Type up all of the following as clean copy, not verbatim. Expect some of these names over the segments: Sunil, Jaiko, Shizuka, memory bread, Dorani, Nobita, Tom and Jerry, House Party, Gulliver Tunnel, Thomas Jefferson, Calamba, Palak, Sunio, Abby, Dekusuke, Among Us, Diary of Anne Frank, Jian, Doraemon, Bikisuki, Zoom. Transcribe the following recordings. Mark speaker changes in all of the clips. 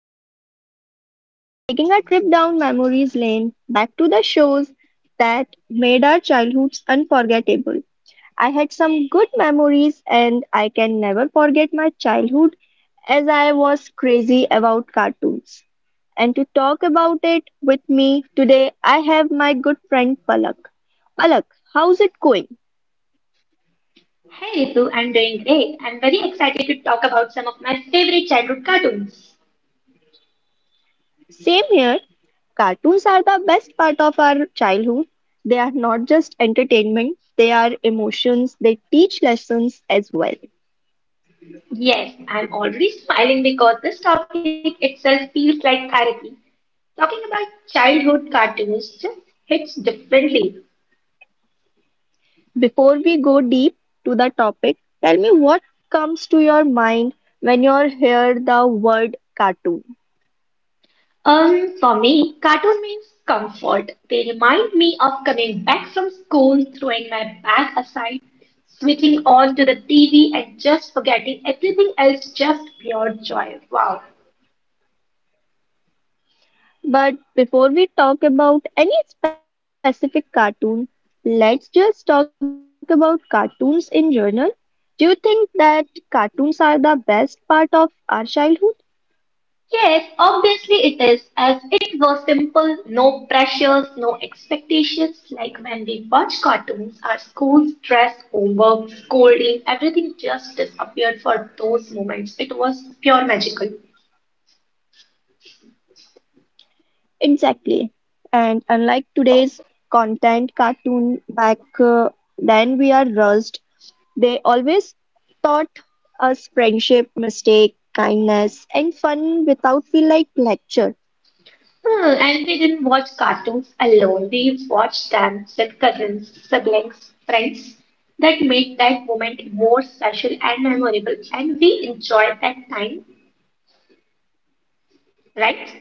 Speaker 1: really special. We are taking a trip down memories lane back to the shows that made our childhoods unforgettable. I had some good memories and I can never forget my childhood as I was crazy about cartoons. And to talk about it with me today, I have my good friend Palak. Palak, how's it going?
Speaker 2: Hey Ritu, I'm doing great. I'm very excited to talk about some of my favorite childhood cartoons.
Speaker 1: Same here. Cartoons are the best part of our childhood. They are not just entertainment, they are emotions. They teach lessons as well.
Speaker 2: Yes, I'm already smiling because this topic itself feels like therapy. Talking about childhood cartoons just hits differently.
Speaker 1: Before we go deep to the topic, tell me what comes to your mind when you hear the word cartoon.
Speaker 2: For me, cartoon means comfort. They remind me of coming back from school, throwing my bag aside, switching on to the TV, and just forgetting everything else, just pure joy. Wow.
Speaker 1: But before we talk about any specific cartoon, let's just talk about cartoons in general. Do you think that cartoons are the best part of our childhood?
Speaker 2: Yes, obviously it is, as it was simple, no pressures, no expectations, like when we watch cartoons, our school stress, homework, scolding, everything just disappeared for those moments. It was pure magical.
Speaker 1: Exactly. And unlike today's content cartoon back then we are rushed, they always taught us friendship, mistake, kindness, and fun without feel like lecture.
Speaker 2: And we didn't watch cartoons alone, we watched them with cousins, siblings, friends. That made that moment more special and memorable, and we enjoyed that time, right?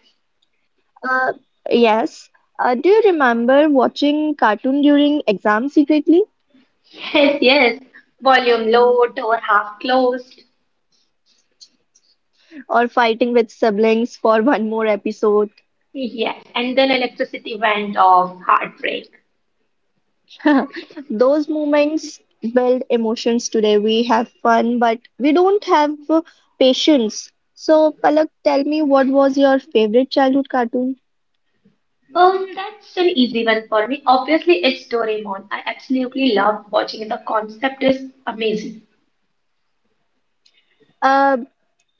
Speaker 1: Uh, yes. Do you remember watching cartoon during exam secretly
Speaker 2: Yes, yes. Volume low, door half closed.
Speaker 1: or fighting with siblings for one more episode?
Speaker 2: Yes, and then electricity went off. Heartbreak.
Speaker 1: Those moments build emotions today. We have fun, but we don't have patience. So, Palak, tell me what was your favorite childhood cartoon?
Speaker 2: That's an easy one for me. Obviously, it's Doraemon. I absolutely love watching it. The concept is amazing.
Speaker 1: Uh,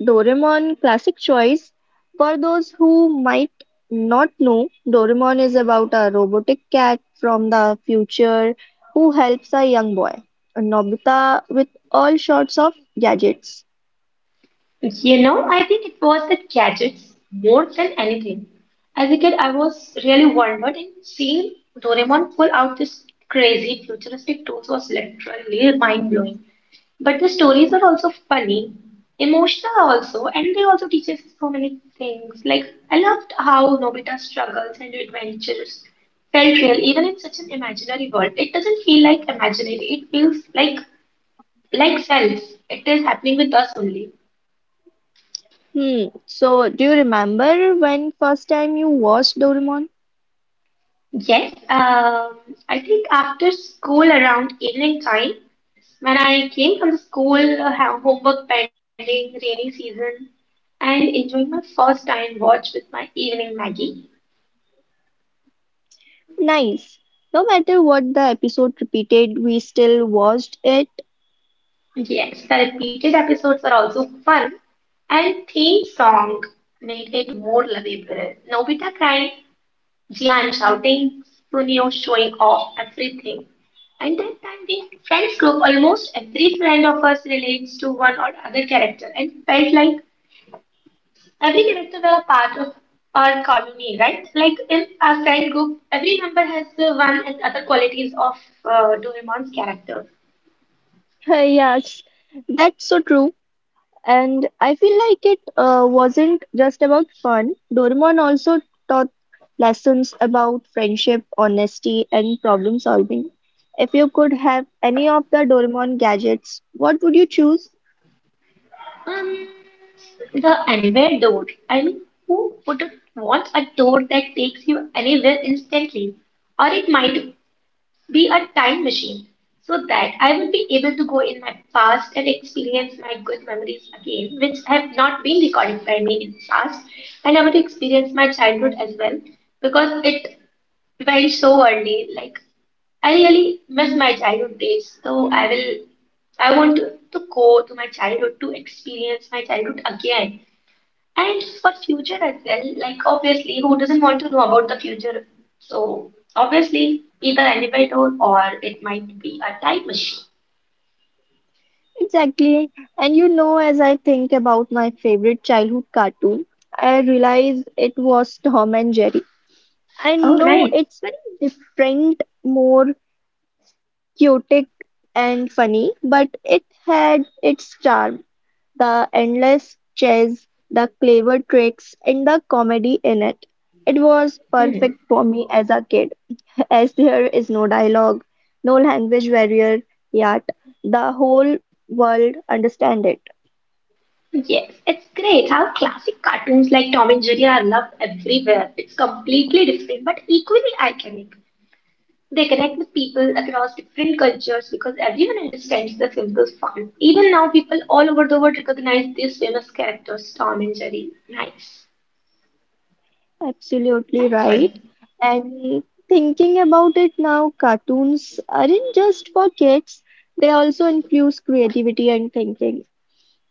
Speaker 1: Doraemon, classic choice. For those who might not know, Doraemon is about a robotic cat from the future who helps a young boy, Nobita, with all sorts of gadgets.
Speaker 2: You know, I think it was the gadgets more than anything. As a kid, I was really wondered, and seeing Doraemon pull out this crazy futuristic tools was literally mind-blowing. But the stories are also funny, emotional also, and they also teach us so many things. Like I loved how Nobita's struggles and adventures felt real, even in such an imaginary world. It doesn't feel like imaginary; it feels like self. It is happening with us only.
Speaker 1: Hmm. So, do you remember when first time you watched Doraemon?
Speaker 2: Yes, I think after school around evening time, when I came from the school, have homework pending, rainy season, and enjoying my first time watch with my evening Maggie.
Speaker 1: Nice. No matter what the episode repeated, we still watched it.
Speaker 2: Yes, the repeated episodes are also fun, and theme song made it more lovable. Nobita crying, Jihan shouting, Sunil showing off everything. And that time the friends group, almost every friend of us relates to one or other character and felt like every character were a part of our colony, right? Like in our friend group, every member has one and other qualities of Doraemon's character.
Speaker 1: Yes, that's so true. And I feel like it wasn't just about fun. Doraemon also taught lessons about friendship, honesty, and problem solving. If you could have any of the Doraemon gadgets, what would you choose?
Speaker 2: Um, the anywhere door. I mean, who would want a door that takes you anywhere instantly? Or it might be a time machine so that I would be able to go in my past and experience my good memories again, which have not been recorded by me in the past. And I would experience my childhood as well because it went so early. Like, I really miss my childhood days, so I will. I want to go to my childhood to experience my childhood again and for future as well, like obviously, who doesn't want to know about the future? So obviously, either elevator or it might be a time machine.
Speaker 1: Exactly. And you know, as I think about my favorite childhood cartoon, I realize it was Tom and Jerry. I
Speaker 2: Oh,
Speaker 1: know
Speaker 2: nice.
Speaker 1: it's very different, more chaotic and funny, but it had its charm. The endless chase, the clever tricks, and the comedy in it. It was
Speaker 2: Hmm.
Speaker 1: perfect for me as a kid, as there is no dialogue, no language barrier, yet the whole world understand it.
Speaker 2: Yes, it's great how classic cartoons like Tom and Jerry are loved everywhere. It's completely different but equally iconic. They connect with people across different cultures because everyone understands the simple fun. Even now, people all over the world recognize these famous characters, Tom and Jerry. Nice,
Speaker 1: Absolutely
Speaker 2: nice choice.
Speaker 1: right. And thinking about it now, cartoons aren't just for kids, they also infuse creativity and thinking.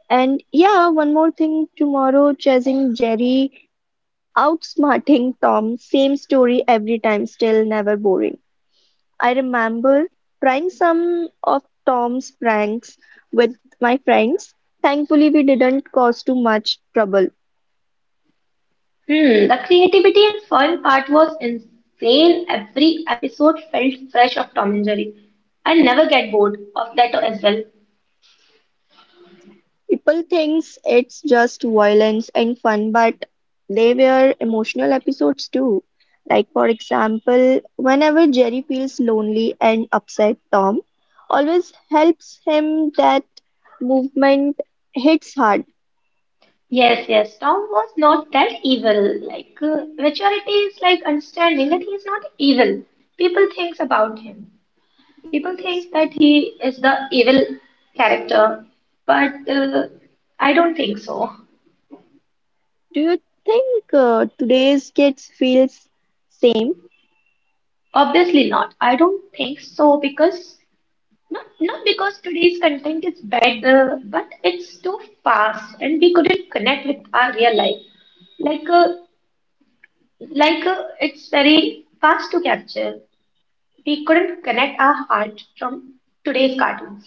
Speaker 1: And yeah, one more thing tomorrow, chasing Jerry, outsmarting Tom, same story every time, still never boring. I remember trying some of Tom's pranks with my friends. Thankfully, we didn't cause too much trouble.
Speaker 2: Hmm, the creativity and fun part was insane. Every episode felt fresh of Tom and Jerry. I never get bored of that as well.
Speaker 1: People thinks it's just violence and fun, but they were emotional episodes too. Like for example, whenever Jerry feels lonely and upset, Tom always helps him. That movement hits hard.
Speaker 2: Yes, yes, Tom was not that evil. Like, maturity is like understanding that he is not evil. People thinks about him. People thinks that he is the evil character, but I don't think so.
Speaker 1: Do you think today's kids feels same?
Speaker 2: Obviously not. I don't think so because not because today's content is better, but it's too fast and we couldn't connect with our real life. Like, it's very fast to capture. We couldn't connect our heart from today's cartoons.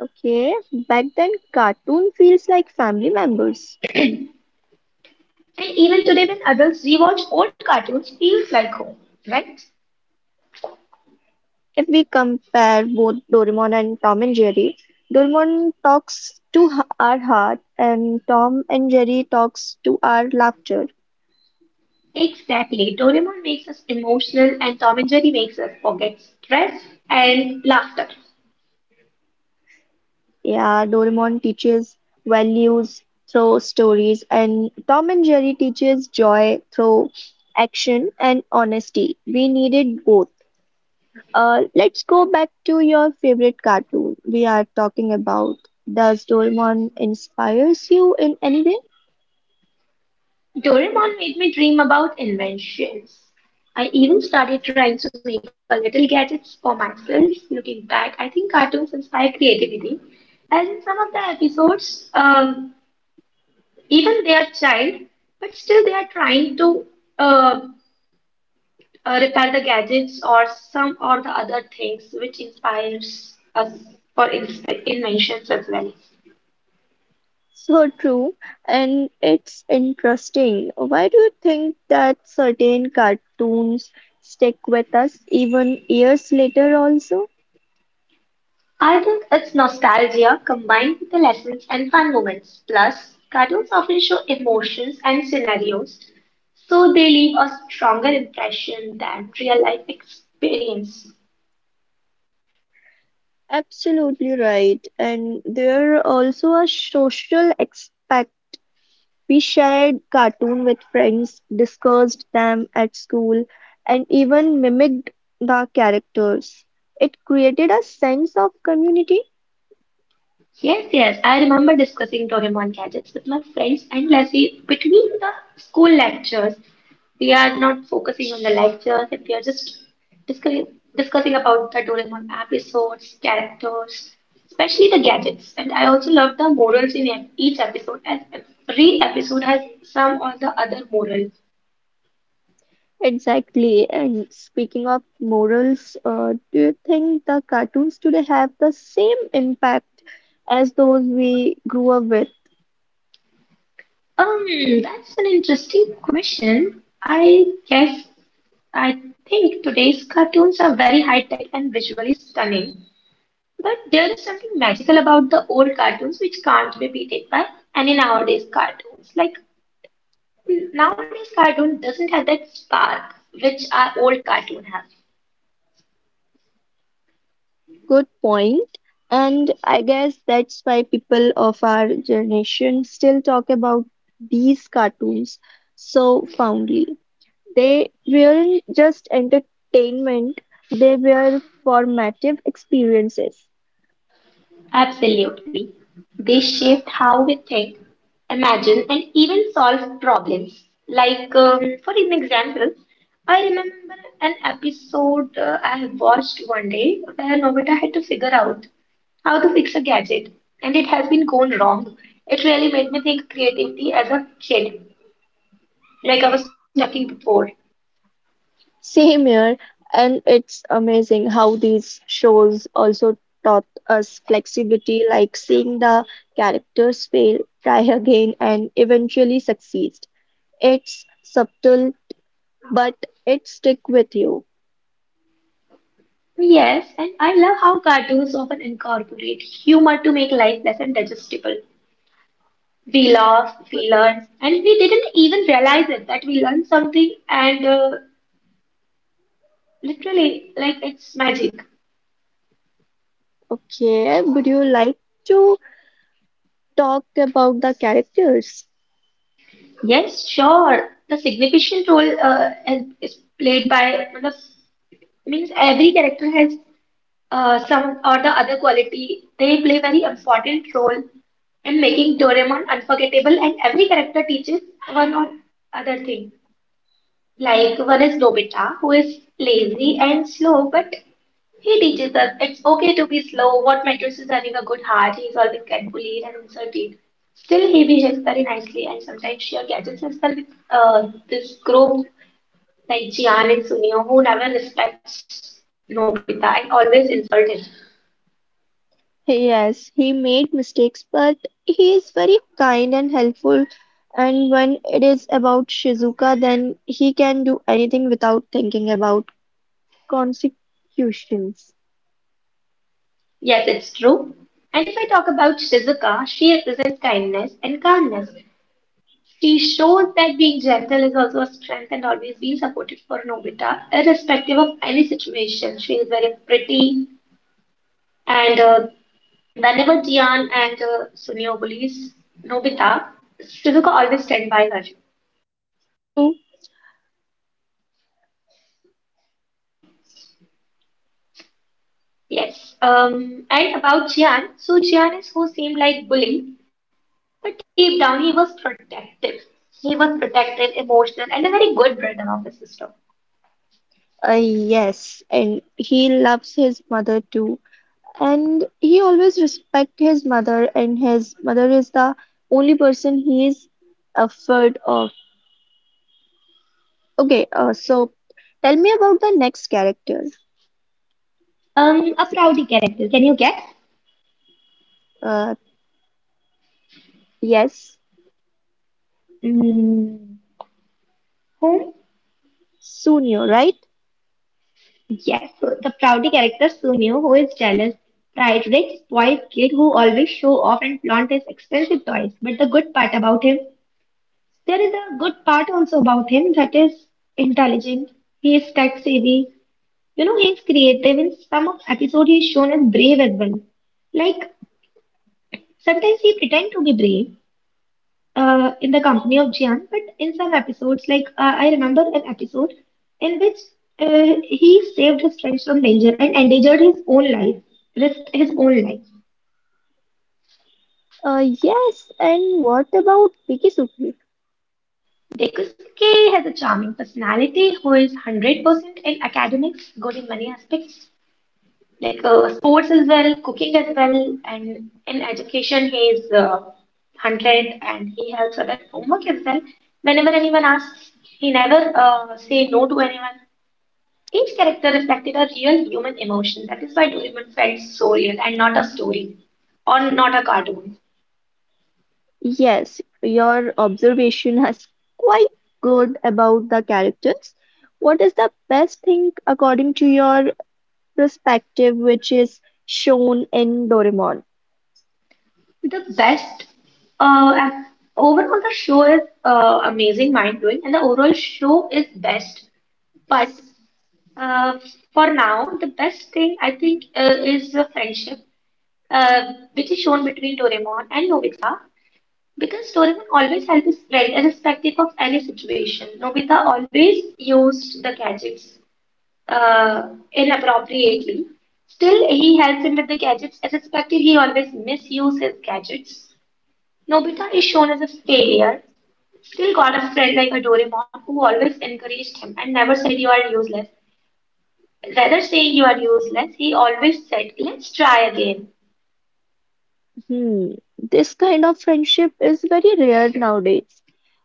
Speaker 1: Okay, back then cartoon feels like family members.
Speaker 2: And even today, when adults rewatch old cartoons, feels like home, right?
Speaker 1: If we compare both Doraemon and Tom and Jerry, Doraemon talks to our heart and Tom and Jerry talks to our laughter.
Speaker 2: Exactly. Doraemon makes us emotional, and Tom and Jerry makes us forget stress and laughter.
Speaker 1: Yeah, Doraemon teaches values through stories and Tom and Jerry teaches joy through action and honesty. We needed both. Let's go back to your favorite cartoon we are talking about. Does Doraemon inspires you in any way?
Speaker 2: Doraemon made me dream about inventions. I even started trying to make a little gadgets for myself. Looking back, I think cartoons inspire creativity. As in some of the episodes, even they are child, but still they are trying to uh, repair the gadgets or some or the other things which inspires us for in inventions as well.
Speaker 1: So true, and it's interesting. Why do you think that certain cartoons stick with us even years later also?
Speaker 2: I think it's nostalgia combined with the lessons and fun moments. Plus, cartoons often show emotions and scenarios, so they leave a stronger impression than real life experience.
Speaker 1: Absolutely right. And there are also a social aspect. We shared cartoon with friends, discussed them at school, and even mimicked the characters. It created a sense of community.
Speaker 2: Yes, yes. I remember discussing Doraemon gadgets with my friends endlessly between the school lectures. We are not focusing on the lectures and we are just discussing, discussing about the Doraemon episodes, characters, especially the gadgets. And I also love the morals in each episode, as every episode has some or the other moral.
Speaker 1: Exactly. And speaking of morals, do you think the cartoons today have the same impact as those we grew up with?
Speaker 2: Um, that's an interesting question. I guess I think today's cartoons are very high tech and visually stunning. But there is something magical about the old cartoons which can't be beaten by any nowadays cartoons. Like nowadays cartoon doesn't have that spark which our old cartoon has.
Speaker 1: Good point. And I guess that's why people of our generation still talk about these cartoons so fondly. They weren't just entertainment, they were formative experiences.
Speaker 2: Absolutely. They shaped how we think, imagine, and even solve problems. Like, for an example, I remember an episode I have watched one day where Nobita had to figure out how to fix a gadget, and it has been going wrong. It really made me think creativity as a kid, like I was talking before.
Speaker 1: Same here, and it's amazing how these shows also taught us flexibility, like seeing the characters fail, try again, and eventually succeed. It's subtle, but it stick with you.
Speaker 2: Yes, and I love how cartoons often incorporate humor to make life less digestible. We laughed, we learned, and we didn't even realize it that we learned something and literally, like it's magic.
Speaker 1: Okay, would you like to talk about the characters?
Speaker 2: Yes, sure. The significant role is played by, matlab, means every character has some or the other quality. They play very important role in making Doraemon unforgettable, and every character teaches one or other thing. Like one is Nobita, who is lazy and slow, but he teaches us it's okay to be slow. What matters is having a good heart. He is always get bullied and insulted. Still, he behaves very nicely, and sometimes she catches himself with this group like Jian and Sunio, who never respects Nobita and always insult him.
Speaker 1: Yes, he made mistakes, but he is very kind and helpful. And when it is about Shizuka, then he can do anything without thinking about consequences.
Speaker 2: Yes, it's true. And if I talk about Shizuka, she represents kindness and calmness. She shows that being gentle is also a strength and always being supportive for Nobita, irrespective of any situation. She is very pretty and whenever Jian and Sunio bullies Nobita, Shizuka always stand by her.
Speaker 1: Yes, true.
Speaker 2: Yes. And about Jian, so Jian is who seemed like bully, but deep down he was protective. He was protective, emotional, and a very good brother of his sister.
Speaker 1: Yes, and he loves his mother too. And he always respect his mother, and his mother is the only person he is afraid of. Okay, so tell me about the next character.
Speaker 2: A proudy character. Can you guess?
Speaker 1: Uh, yes.
Speaker 2: Mm, who?
Speaker 1: Sunio, right?
Speaker 2: Yes, so the Proudy character Sunil, who is jealous, pride rich, spoiled kid who always show off and flaunt his expensive toys. But the good part about him, there is a good part also about him that is intelligent. He is tech savvy. You know, he is creative. In some of episode, he is shown as brave as well. Like sometimes he pretend to be brave, in the company of Jian, but in some episodes, like I remember an episode in which he saved his friends from danger and endangered his own life, risked his own life.
Speaker 1: Yes, and what about Bikisuki?
Speaker 2: Dekusuke has a charming personality who is 100% in academics, good in many aspects, like sports as well, cooking as well, and in education, he is 100 and he helps other homework as well. Whenever anyone asks, he never say no to anyone. Each character reflected a real human emotion. That is why Doraemon felt so real and not a story or not a cartoon.
Speaker 1: Yes, your observation has quite good about the characters. What is the best thing according to your perspective which is shown in Doraemon?
Speaker 2: The best and overall the show is amazing, mind blowing, and the overall show is best. But uh, for now, the best thing I think is the friendship, which is shown between Doraemon and Nobita. Because Doraemon always helped his friend, irrespective of any situation. Nobita always used the gadgets inappropriately. Still, he helps him with the gadgets. As expected, he always misuses his gadgets. Nobita is shown as a failure. Still got a friend like Doraemon who always encouraged him and never said you are useless. Rather saying you are useless, he always said, let's try again.
Speaker 1: Hmm, this kind of friendship is very rare nowadays.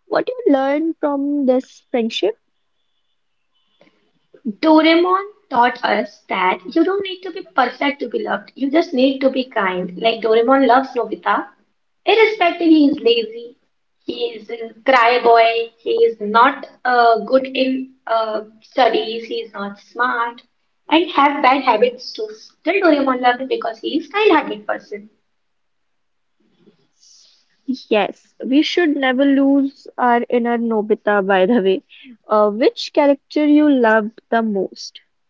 Speaker 1: What you learn from this friendship?
Speaker 2: Doraemon taught us that you don't need to be perfect to be loved. You just need to be kind. Like Doraemon loves Nobita. Irrespective, he is lazy, he is a cry boy, he is not good in studies, he is not smart, and have bad habits too. Still, Doraemon loved him because he is kind-hearted person.
Speaker 1: Yes, we should never lose our inner Nobita, by the way. Which character you loved the most?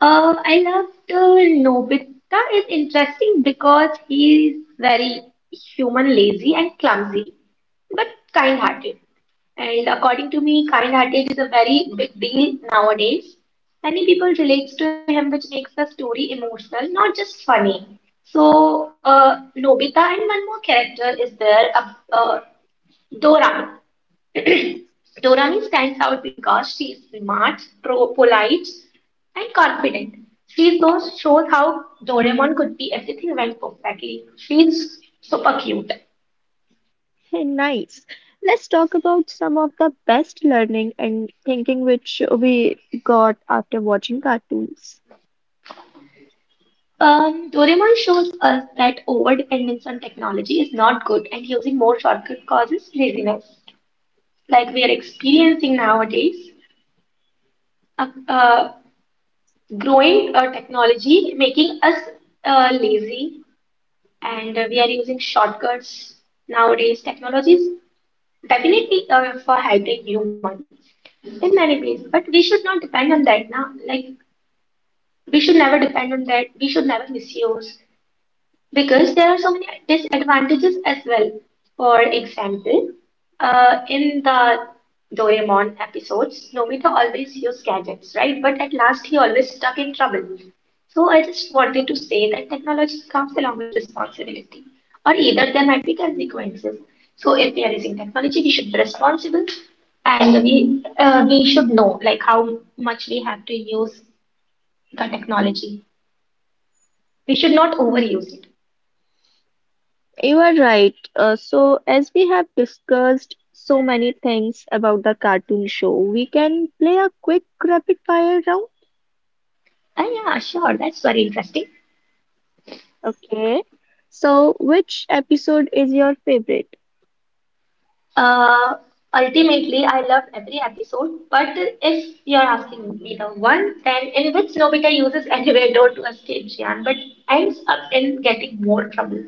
Speaker 2: I loved Nobita is interesting because he is very human, lazy and clumsy, but kind-hearted. And according to me, kind-hearted is a very big deal nowadays. Many people relate to him, which makes the story emotional, not just funny. So, Nobita and one more character is there, Doran. Dorani stands out because she is smart, polite, and confident. Shows how Doraemon could be everything went perfectly. She's super cute.
Speaker 1: Hey, nice. Let's talk about some of the best learning and thinking which we got after watching cartoons.
Speaker 2: Doraemon shows us that overdependence on technology is not good and using more shortcut causes laziness. Like we are experiencing nowadays, a, uh, growing technology making us lazy and we are using shortcuts nowadays. Technologies definitely for hybrid humans in many ways, but we should not depend on that now. Like we should never depend on that. We should never misuse because there are so many disadvantages as well. For example, in the Doraemon episodes, Nobita always used gadgets, right? But at last, he always stuck in trouble. So I just wanted to say that technology comes along with responsibility, or either there might be consequences. So if we are using technology, we should be responsible, and we should know like how much we have to use the technology. We should not
Speaker 1: Hmm,
Speaker 2: overuse it.
Speaker 1: you are right. So, as we have discussed so many things about the cartoon show, we can play a quick rapid fire round.
Speaker 2: Yeah, sure. That's very interesting.
Speaker 1: Okay. So, which episode is your favorite?
Speaker 2: Uh, Ultimately, I loved every episode, but if you're asking me the one, then in which Nobita uses anywhere door to escape Jian, but ends up in getting more trouble.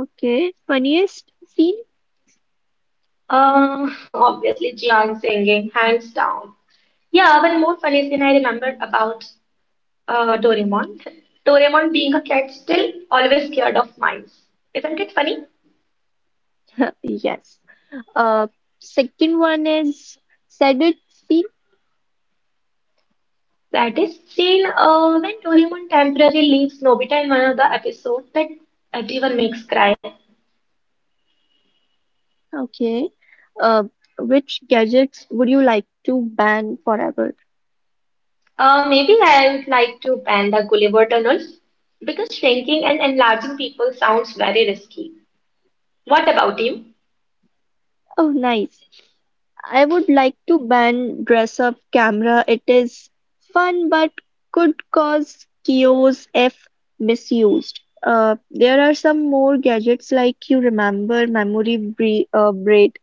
Speaker 1: Okay, funniest scene?
Speaker 2: Uh, Obviously, Jian singing, hands down. Yeah, one more funny thing I remembered about Doraemon. Doraemon being a cat, still always scared of mice. Isn't it funny?
Speaker 1: Yes. Uh, second one is saddest scene.
Speaker 2: That is seen when Doraemon temporarily leaves Nobita in one of the episodes that everyone makes cry.
Speaker 1: Okay. Uh, which gadgets would you like to ban forever?
Speaker 2: Maybe I would like to ban the Gulliver Tunnel because shrinking and enlarging people sounds very risky. What about you?
Speaker 1: Oh, nice. I would like to ban dress up camera. It is fun but could cause chaos if misused. There are some more gadgets like you remember memory braid,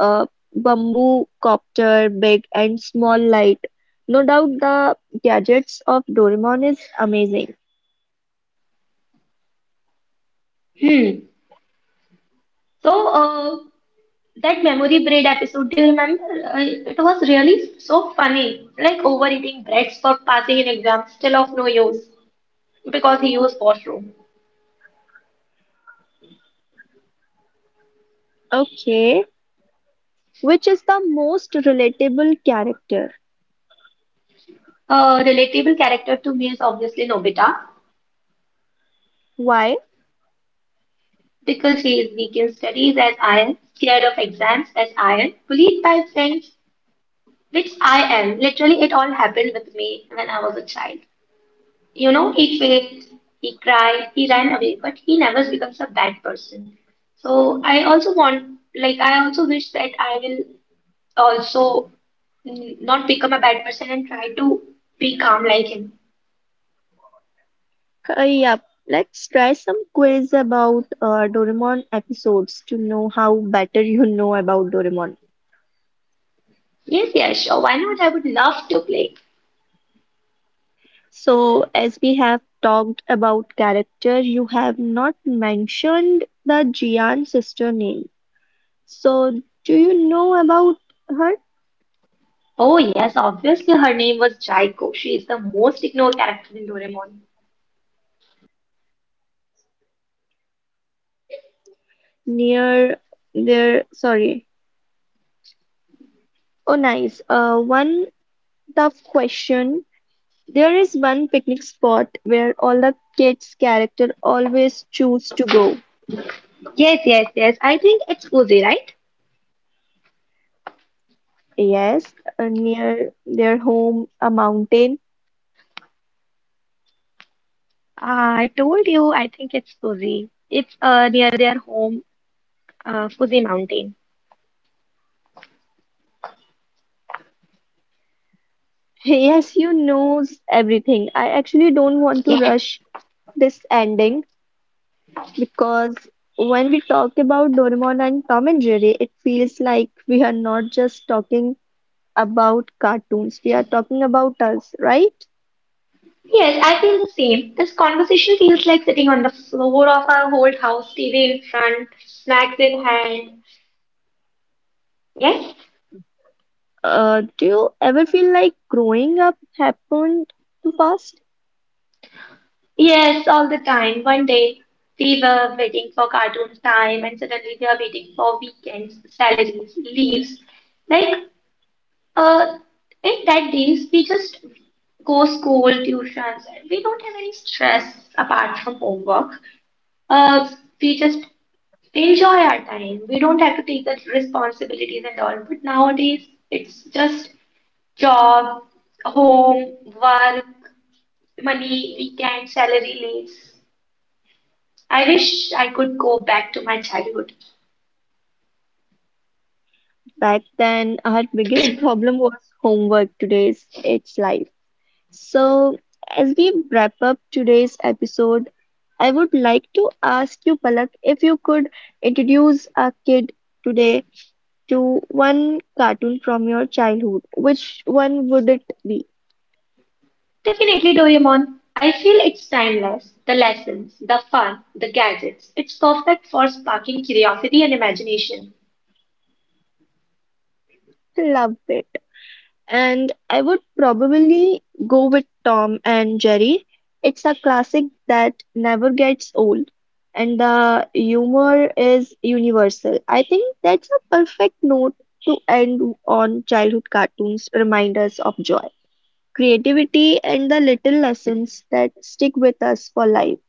Speaker 1: uh, bamboo copter, big and small light. No doubt the gadgets of Doraemon is amazing.
Speaker 2: Hmm. So, uh, that memory bread episode, do you remember? It was really so funny. Like overeating breads for passing an exam, still of no use because he used washroom.
Speaker 1: Okay, which is the most relatable character?
Speaker 2: A relatable character to me is obviously Nobita.
Speaker 1: Why?
Speaker 2: Pickle says we give studies as I am scared of exams as I am bullied by friends, which I am. Literally, it all happened with me when I was a child. You know, he failed, he cried, he ran away, but he never becomes a bad person. So I also want, like, I also wish that I will also not become a bad person and try to be calm like him.
Speaker 1: Yup, let's try some quiz about Doraemon episodes to know how better you know about Doraemon.
Speaker 2: Yes, yes, sure. Why not? I would love to play.
Speaker 1: So, as we have talked about character, you have not mentioned the Jian sister name. So, do you know about her?
Speaker 2: Oh yes, obviously her name was Jaiko. She is the most ignored character in Doraemon.
Speaker 1: Near there, sorry. Oh, nice. One tough question. There is one picnic spot where all the kids' character always choose to go.
Speaker 2: Yes, yes, yes. I think it's Fuji, right?
Speaker 1: Yes, near their home, a mountain.
Speaker 2: Ah, I told you, I think it's Fuji. It's near their home, Fuji Mountain.
Speaker 1: Yes, you knows everything. I actually don't want to
Speaker 2: Yes,
Speaker 1: rush this ending because when we talk about Doraemon and Tom and Jerry, it feels like we are not just talking about cartoons. We are talking about us, right?
Speaker 2: yes, I feel the same. This conversation feels like sitting on the floor of our old house, TV in front, snacks in hand. Yes?
Speaker 1: Do you ever feel like growing up happened too fast?
Speaker 2: Yes, all the time. One day we were waiting for cartoons time, and suddenly we are waiting for weekends, salaries, leaves. Like, uh, in that days we just go school, tuitions, and we don't have any stress apart from homework. Uh, we just enjoy our time. We don't have to take the responsibilities and all. But nowadays it's just job, home, work, money, weekend, salary, leaves. I wish I could go back to my childhood.
Speaker 1: Back then, our biggest problem was homework. Today's, it's life. So, as we wrap up today's episode, I would like to ask you, Palak, if you could introduce a kid today to one cartoon from your childhood, which one would it be?
Speaker 2: Definitely, Doraemon. I feel it's timeless. The lessons, the fun, the gadgets. It's perfect for sparking curiosity and imagination.
Speaker 1: Love it. And I would probably go with Tom and Jerry. It's a classic that never gets old, and the humor is universal. I think that's a perfect note to end on childhood cartoons remind us of joy, creativity, and the little lessons that stick with us for life.